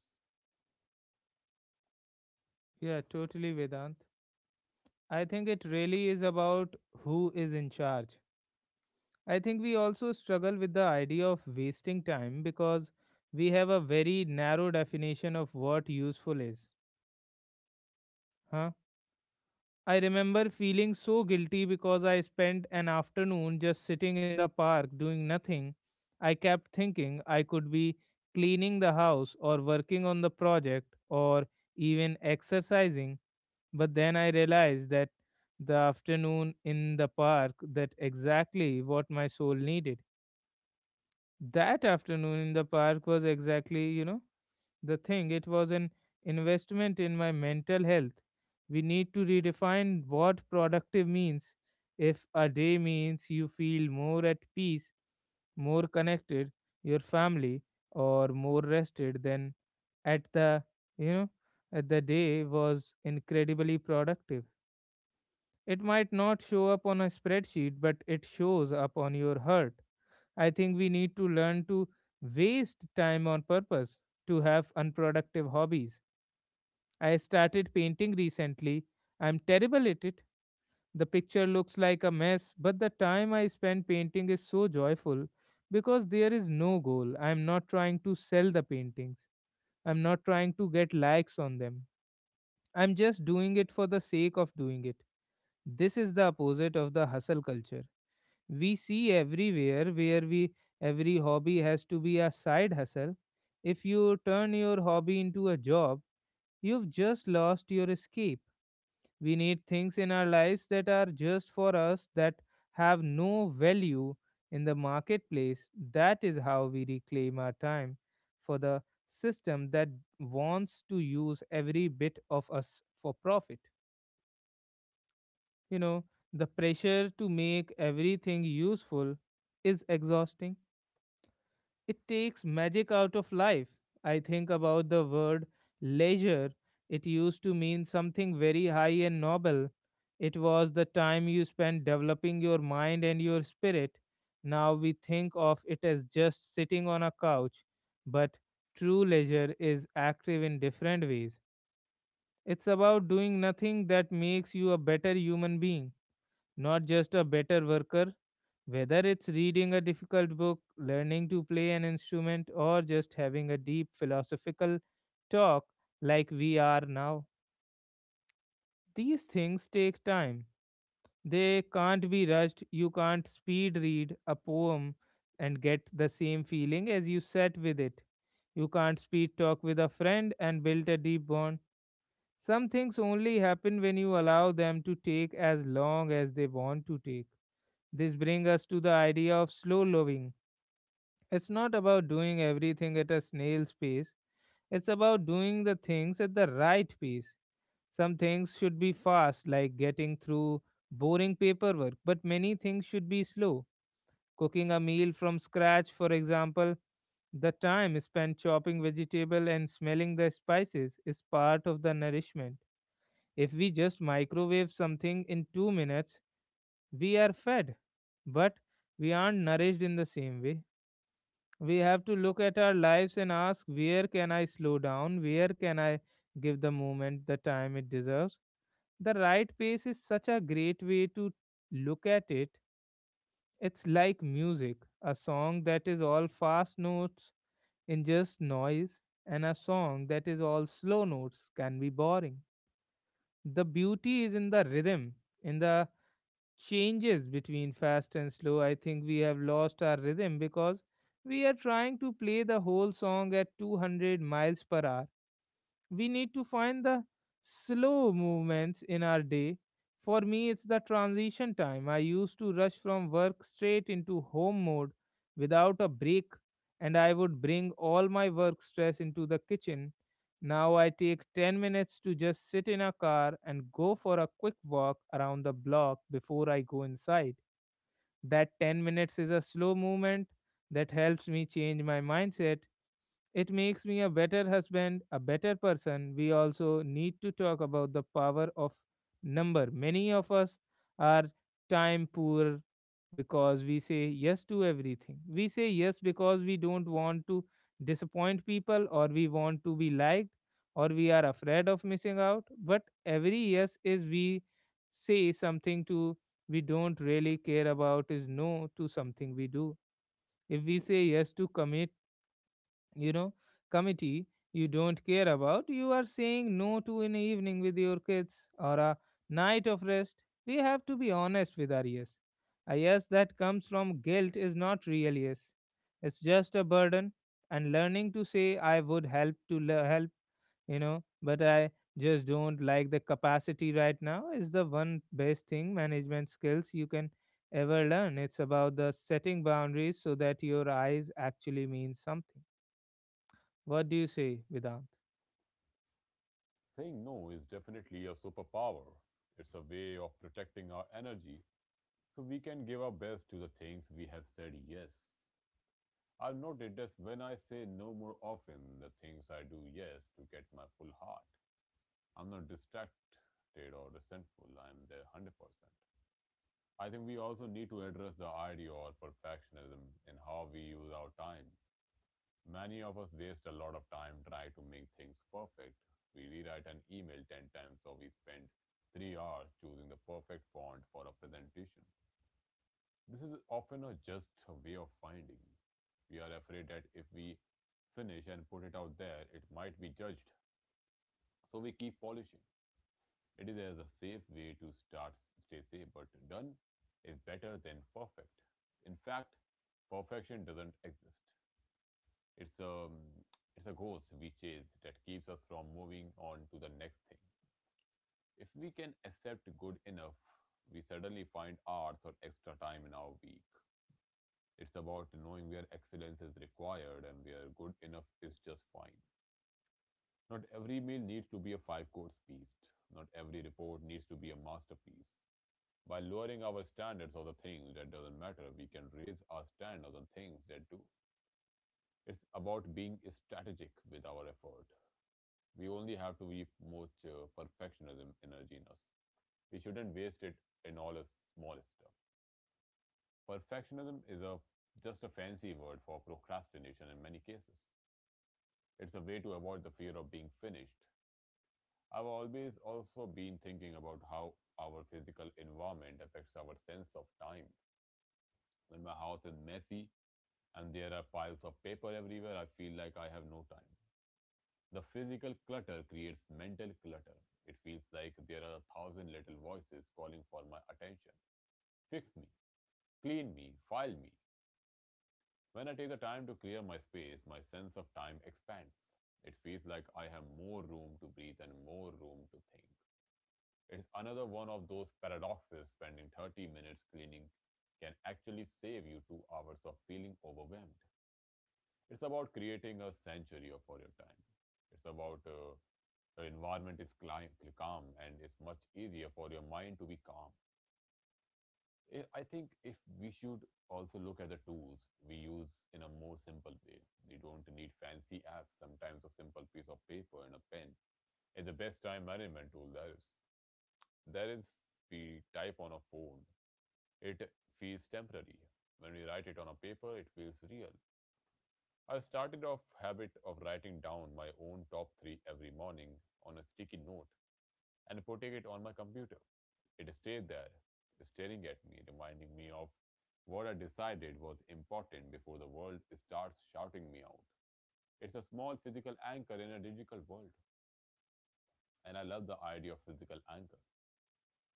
Speaker 1: Yeah, totally, Vedant. I think it really is about who is in charge. I think we also struggle with the idea of wasting time because we have a very narrow definition of what useful is. Huh? I remember feeling so guilty because I spent an afternoon just sitting in the park doing nothing. I kept thinking I could be cleaning the house or working on the project or even exercising, but then I realized that the afternoon in the park that exactly what my soul needed. That afternoon in the park was exactly, the thing. It was an investment in my mental health. We need to redefine what productive means. If a day means you feel more at peace, more connected, your family, or more rested, then at the you know at the day was incredibly productive. It might not show up on a spreadsheet, but it shows up on your heart. I think we need to learn to waste time on purpose, to have unproductive hobbies. I started painting recently. I'm terrible at it. The picture looks like a mess, but the time I spend painting is so joyful because there is no goal. I'm not trying to sell the paintings, I'm not trying to get likes on them. I'm just doing it for the sake of doing it. This is the opposite of the hustle culture we see everywhere, where we every hobby has to be a side hustle. If you turn your hobby into a job, you've just lost your escape. We need things in our lives that are just for us, that have no value in the marketplace. That is how we reclaim our time for the system that wants to use every bit of us for profit. You know, the pressure to make everything useful is exhausting. It takes magic out of life. I think about the word leisure. It used to mean something very high and noble. It was the time you spent developing your mind and your spirit. Now we think of it as just sitting on a couch, but true leisure is active in different ways. It's about doing nothing that makes you a better human being, not just a better worker. Whether it's reading a difficult book, learning to play an instrument, or just having a deep philosophical talk like we are now, these things take time. They can't be rushed. You can't speed read a poem and get the same feeling as you sat with it. You can't speed talk with a friend and build a deep bond. Some things only happen when you allow them to take as long as they want to take. This brings us to the idea of slow living. It's not about doing everything at a snail's pace, it's about doing the things at the right pace. Some things should be fast, like getting through boring paperwork, but many things should be slow. Cooking a meal from scratch, for example, the time spent chopping vegetable and smelling the spices is part of the nourishment. If we just microwave something in 2 minutes, we are fed, but we aren't nourished in the same way. We have to look at our lives and ask, where can I slow down? Where can I give the moment the time it deserves? The right pace is such a great way to look at it. It's like music. A song that is all fast notes in just noise, and a song that is all slow notes can be boring. The beauty is in the rhythm, in the changes between fast and slow. I think we have lost our rhythm because we are trying to play the whole song at 200 miles per hour. We need to find the slow movements in our day. For me, it's the transition time. I used to rush from work straight into home mode without a break, and I would bring all my work stress into the kitchen. Now I take 10 minutes to just sit in a car and go for a quick walk around the block before I go inside. That 10 minutes is a slow movement that helps me change my mindset. It makes me a better husband, a better person. We also need to talk about the power of number. Many of us are time poor because we say yes to everything. We say yes because we don't want to disappoint people, or we want to be liked, or we are afraid of missing out. But every yes is we say something to we don't really care about is no to something we do. If we say yes to commitment, you know, committee you don't care about, you are saying no to an evening with your kids or a night of rest. We have to be honest with our yes. A yes that comes from guilt is not real yes, it's just a burden. And learning to say I would help to le- help you know but I just don't like the capacity right now is the one best thing management skills you can ever learn. It's about the setting boundaries so that your eyes actually mean something. What do you say, Vedant?
Speaker 2: Saying no is definitely a superpower. It's a way of protecting our energy so we can give our best to the things we have said yes. I've noticed that when I say no more often, the things I do yes to get my full heart. I'm not distracted or resentful. I'm there 100%. I think we also need to address the idea of perfectionism in how we use our time. Many of us waste a lot of time trying to make things perfect. We rewrite an email 10 times or we spend 3 hours choosing the perfect font for a presentation. This is often a just way of finding. We are afraid that if we finish and put it out there, it might be judged. So we keep polishing. It is as a safe way to start, stay safe, but done is better than perfect. In fact, perfection doesn't exist. It's a it's a ghost we chase that keeps us from moving on to the next thing. If we can accept good enough, we suddenly find hours or extra time in our week. It's about knowing where excellence is required and where good enough is just fine. Not every meal needs to be a five course feast. Not every report needs to be a masterpiece. By lowering our standards of the things that doesn't matter, we can raise our standards on things that do. It's about being strategic with our effort. We only have to be much perfectionism energy in us. We shouldn't waste it in all the smallest stuff. Perfectionism is a just a fancy word for procrastination in many cases. It's a way to avoid the fear of being finished. I've always also been thinking about how our physical environment affects our sense of time. When my house is messy and there are piles of paper everywhere, I feel like I have no time. The physical clutter creates mental clutter. It feels like there are a thousand little voices calling for my attention. Fix me, clean me, file me. When I take the time to clear my space, my sense of time expands. It feels like I have more room to breathe and more room to think. It's another one of those paradoxes spending 30 minutes cleaning can actually save you 2 hours of feeling overwhelmed. It's about creating a sanctuary for your time. It's about your environment is calm and it's much easier for your mind to be calm. I think if we should also look at the tools we use in a more simple way. You don't need fancy apps. Sometimes a simple piece of paper and a pen is the best time management tool there is. There is we type on a phone. It feels temporary. When we write it on a paper, it feels real. I started off habit of writing down my own top 3 every morning on a sticky note and putting it on my computer. It stayed there, staring at me, reminding me of what I decided was important before the world starts shouting me out. It's a small physical anchor in a digital world, and I love the idea of physical anchor.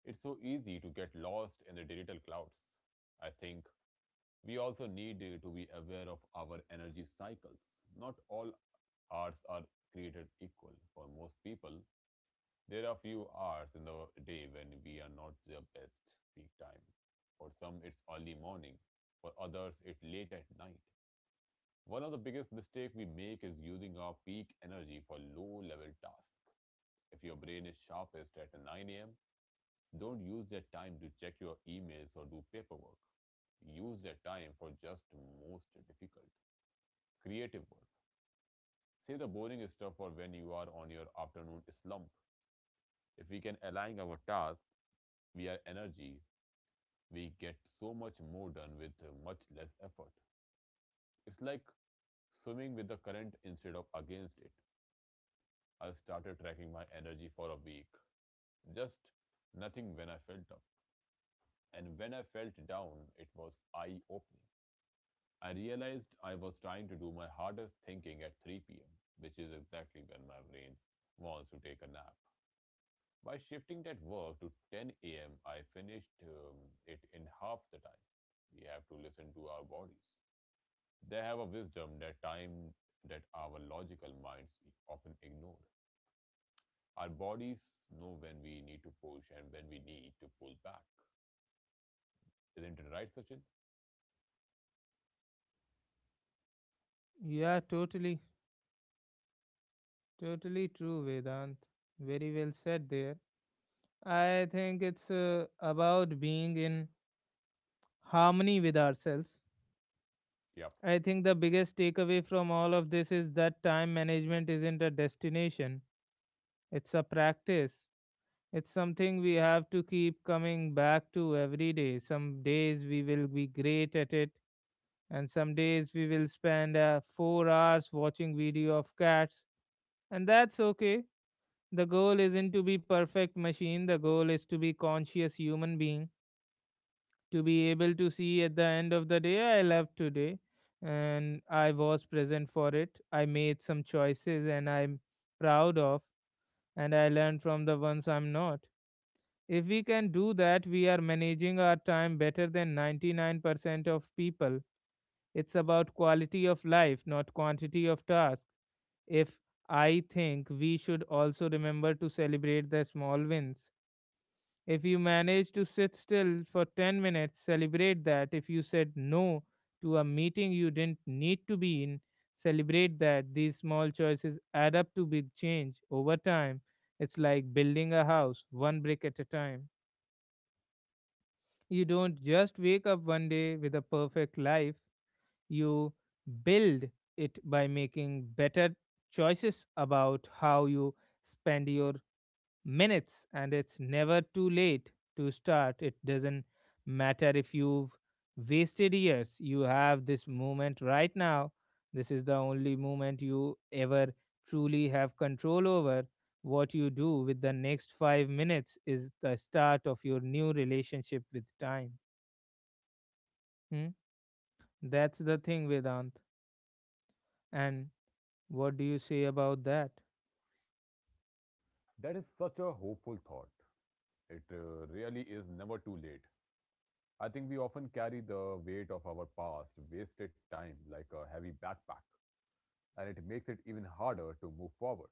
Speaker 2: It's so easy to get lost in the digital clouds. I think we also need to be aware of our energy cycles. Not all hours are created equal. For most people, there are few hours in the day when we are not their best peak time. For some, it's early morning. For others, it's late at night. One of the biggest mistakes we make is using our peak energy for low level tasks. If your brain is sharpest at 9 a.m., don't use that time to check your emails or do paperwork. Use that time for just most difficult creative work. Save the boring stuff for when you are on your afternoon slump. If we can align our tasks, we are energy, we get so much more done with much less effort. It's like swimming with the current instead of against it. I started tracking my energy for a week. Just nothing when I felt up. And when I felt down, it was eye opening. I realized I was trying to do my hardest thinking at 3 p.m., which is exactly when my brain wants to take a nap. By shifting that work to 10 a.m., I finished it in half the time. We have to listen to our bodies. They have a wisdom that time that our logical minds often ignore. Our bodies know when we need to push and when we need to pull back. Isn't it right, Sachin?
Speaker 1: Yeah, totally, totally true, Vedant. Very well said there. I think it's about being in harmony with ourselves.
Speaker 2: Yep.
Speaker 1: I think the biggest takeaway from all of this is that time management isn't a destination, it's a practice. It's something we have to keep coming back to every day. Some days we will be great at it, and some days we will spend 4 hours watching video of cats, and that's okay. The goal isn't to be perfect machine, the goal is to be conscious human being, to be able to see at the end of the day I love today and I was present for it. I made some choices and I'm proud of, and I learned from the ones I'm not. If we can do that, we are managing our time better than 99% of people. It's about quality of life, not quantity of tasks. If I think we should also remember to celebrate the small wins. If you manage to sit still for 10 minutes, celebrate that. If you said no to a meeting you didn't need to be in, celebrate that. These small choices add up to big change over time. It's like building a house, one brick at a time. You don't just wake up one day with a perfect life, you build it by making better choices about how you spend your minutes. And it's never too late to start. It doesn't matter if you've wasted years, you have this moment right now. This is the only moment you ever truly have control over. What you do with the next 5 minutes is the start of your new relationship with time. Hmm? That's the thing, Vedant. And what do you say about that?
Speaker 2: That is such a hopeful thought. It really is never too late. I think we often carry the weight of our past, wasted time, like a heavy backpack, and it makes it even harder to move forward,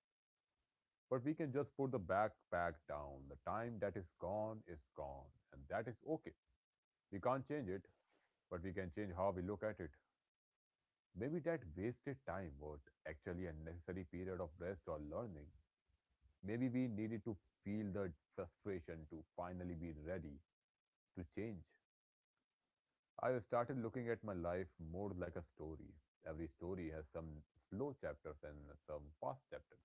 Speaker 2: but we can just put the backpack down. The time that is gone, and that is okay. We can't change it, but we can change how we look at it. Maybe that wasted time was actually a necessary period of rest or learning. Maybe we needed to feel the frustration to finally be ready to change. I started looking at my life more like a story. Every story has some slow chapters and some fast chapters.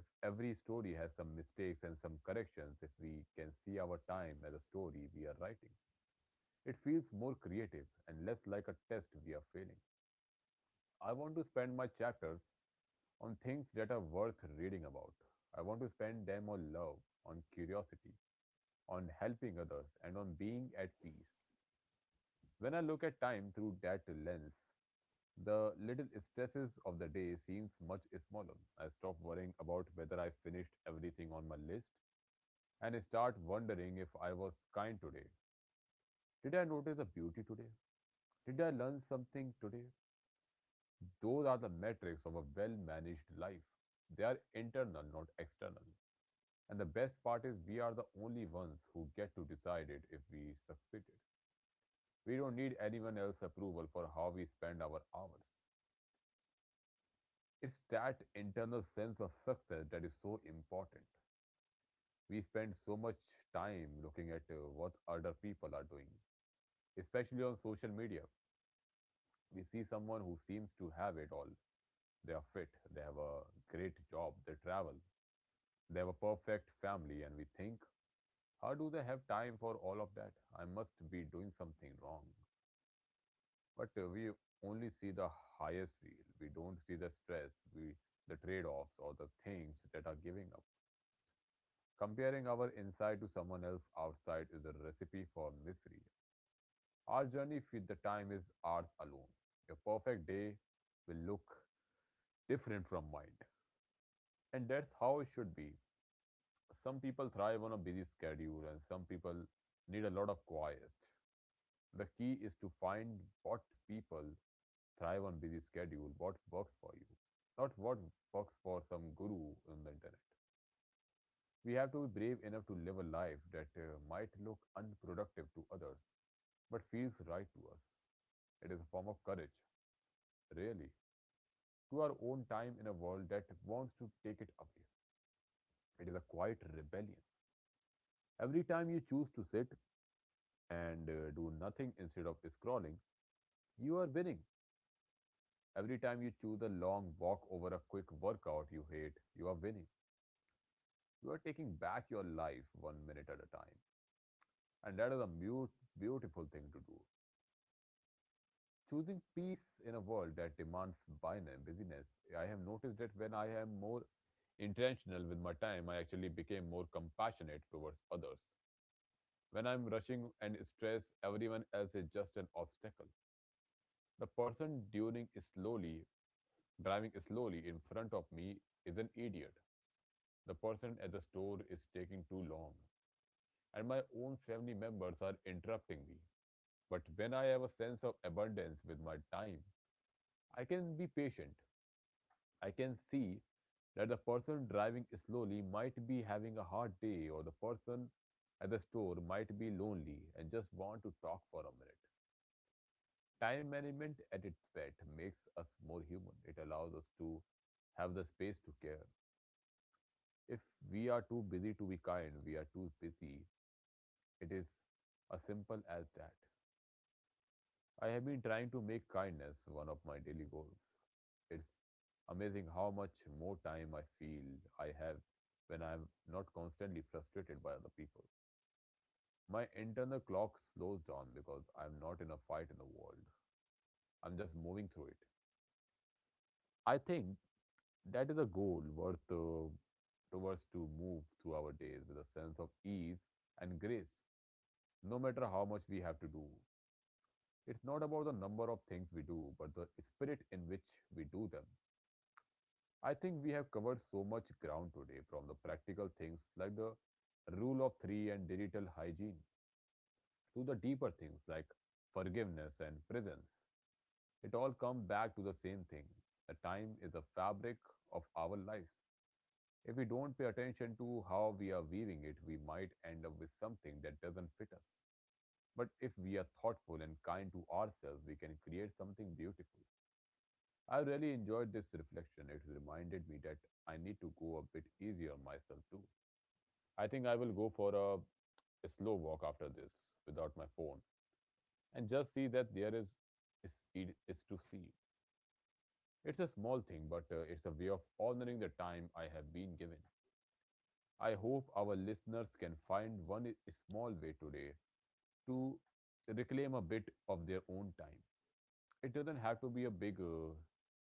Speaker 2: If every story has some mistakes and some corrections, if we can see our time as a story we are writing, it feels more creative and less like a test we are failing. I want to spend my chapters on things that are worth reading about. I want to spend them on love, on curiosity, on helping others, and on being at peace. When I look at time through that lens, the little stresses of the day seems much smaller. I stop worrying about whether I finished everything on my list and start wondering if I was kind today. Did I notice a beauty today? Did I learn something today? Those are the metrics of a well managed life. They are internal, not external. And the best part is, we are the only ones who get to decide it if we succeeded. We don't need anyone else's approval for how we spend our hours. It's that internal sense of success that is so important. We spend so much time looking at what other people are doing, especially on social media. We see someone who seems to have it all. They are fit, they have a great job, they travel, they have a perfect family, and we think, how do they have time for all of that? I must be doing something wrong. But we only see the highest reel. We don't see the stress, we the trade-offs or the things that are giving up. Comparing our inside to someone else outside is a recipe for misery. Our journey with the time is ours alone. Your perfect day will look different from mine, and that's how it should be. Some people thrive on a busy schedule, and some people need a lot of quiet. The key is to find what people thrive on busy schedule, what works for you, not what works for some guru on the internet. We have to be brave enough to live a life that might look unproductive to others, but feels right to us. It is a form of courage, really, to our own time in a world that wants to take it away. It is a quiet rebellion. Every time you choose to sit, and do nothing instead of scrolling, you are winning. Every time you choose a long walk over a quick workout you hate, you are winning. You are taking back your life one minute at a time. And that is a mute, beautiful thing to do. Choosing peace in a world that demands busyness, I have noticed that when I am more intentional with my time, I actually became more compassionate towards others. When I'm rushing and stressed, everyone else is just an obstacle. The person tuning slowly driving slowly in front of me is an idiot. The person at the store is taking too long. And my own family members are interrupting me. But when I have a sense of abundance with my time, I can be patient. I can see that the person driving slowly might be having a hard day, or the person at the store might be lonely and just want to talk for a minute. Time management at its best makes us more human. It allows us to have the space to care. If we are too busy to be kind, we are too busy. It is as simple as that. I have been trying to make kindness one of my daily goals. It's amazing how much more time I feel I have when I'm not constantly frustrated by other people. My internal clock slows down because I'm not in a fight in the world. I'm just moving through it. I think that is a goal worth towards to move through our days with a sense of ease and grace, no matter how much we have to do. It's not about the number of things we do, but the spirit in which we do them. I think we have covered so much ground today from the practical things like the rule of three and digital hygiene to the deeper things like forgiveness and presence. It all comes back to the same thing. The time is the fabric of our lives. If we don't pay attention to how we are weaving it, we might end up with something that doesn't fit us. But if we are thoughtful and kind to ourselves, we can create something beautiful. I really enjoyed this reflection. It reminded me that I need to go a bit easier on myself too. I think I will go for a slow walk after this without my phone and just see that there is, it is to see. It's a small thing, but it's a way of honoring the time I have been given. I hope our listeners can find one small way today to reclaim a bit of their own time. It doesn't have to be a big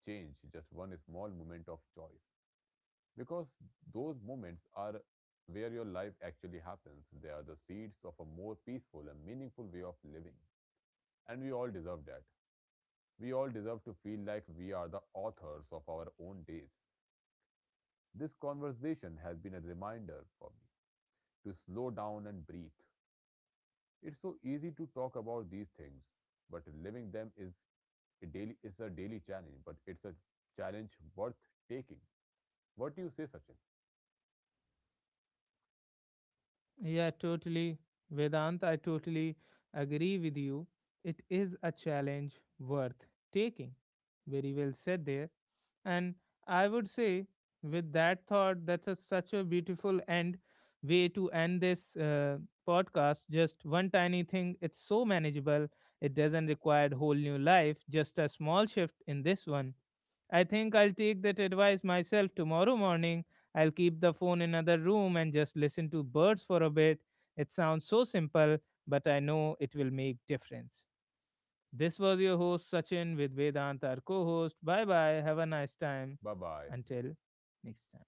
Speaker 2: change, just one small moment of choice. Because those moments are where your life actually happens. They are the seeds of a more peaceful and meaningful way of living. And we all deserve that. We all deserve to feel like we are the authors of our own days. This conversation has been a reminder for me to slow down and breathe. It's so easy to talk about these things, but living them is a daily challenge, but it's a challenge worth taking. What do you say, Sachin?
Speaker 1: Yeah, totally. Vedant, I totally agree with you. It is a challenge worth taking. Very well said there. And I would say, with that thought, that's a, such a beautiful end way to end this podcast. Just one tiny thing, it's so manageable. It doesn't require whole new life, just a small shift in this one. I think I'll take that advice myself tomorrow morning. I'll keep the phone in another room and just listen to birds for a bit. It sounds so simple, but I know it will make difference. This was your host Sachin with Vedant, our co-host. Bye bye. Have a nice time.
Speaker 2: Bye bye.
Speaker 1: Until next time.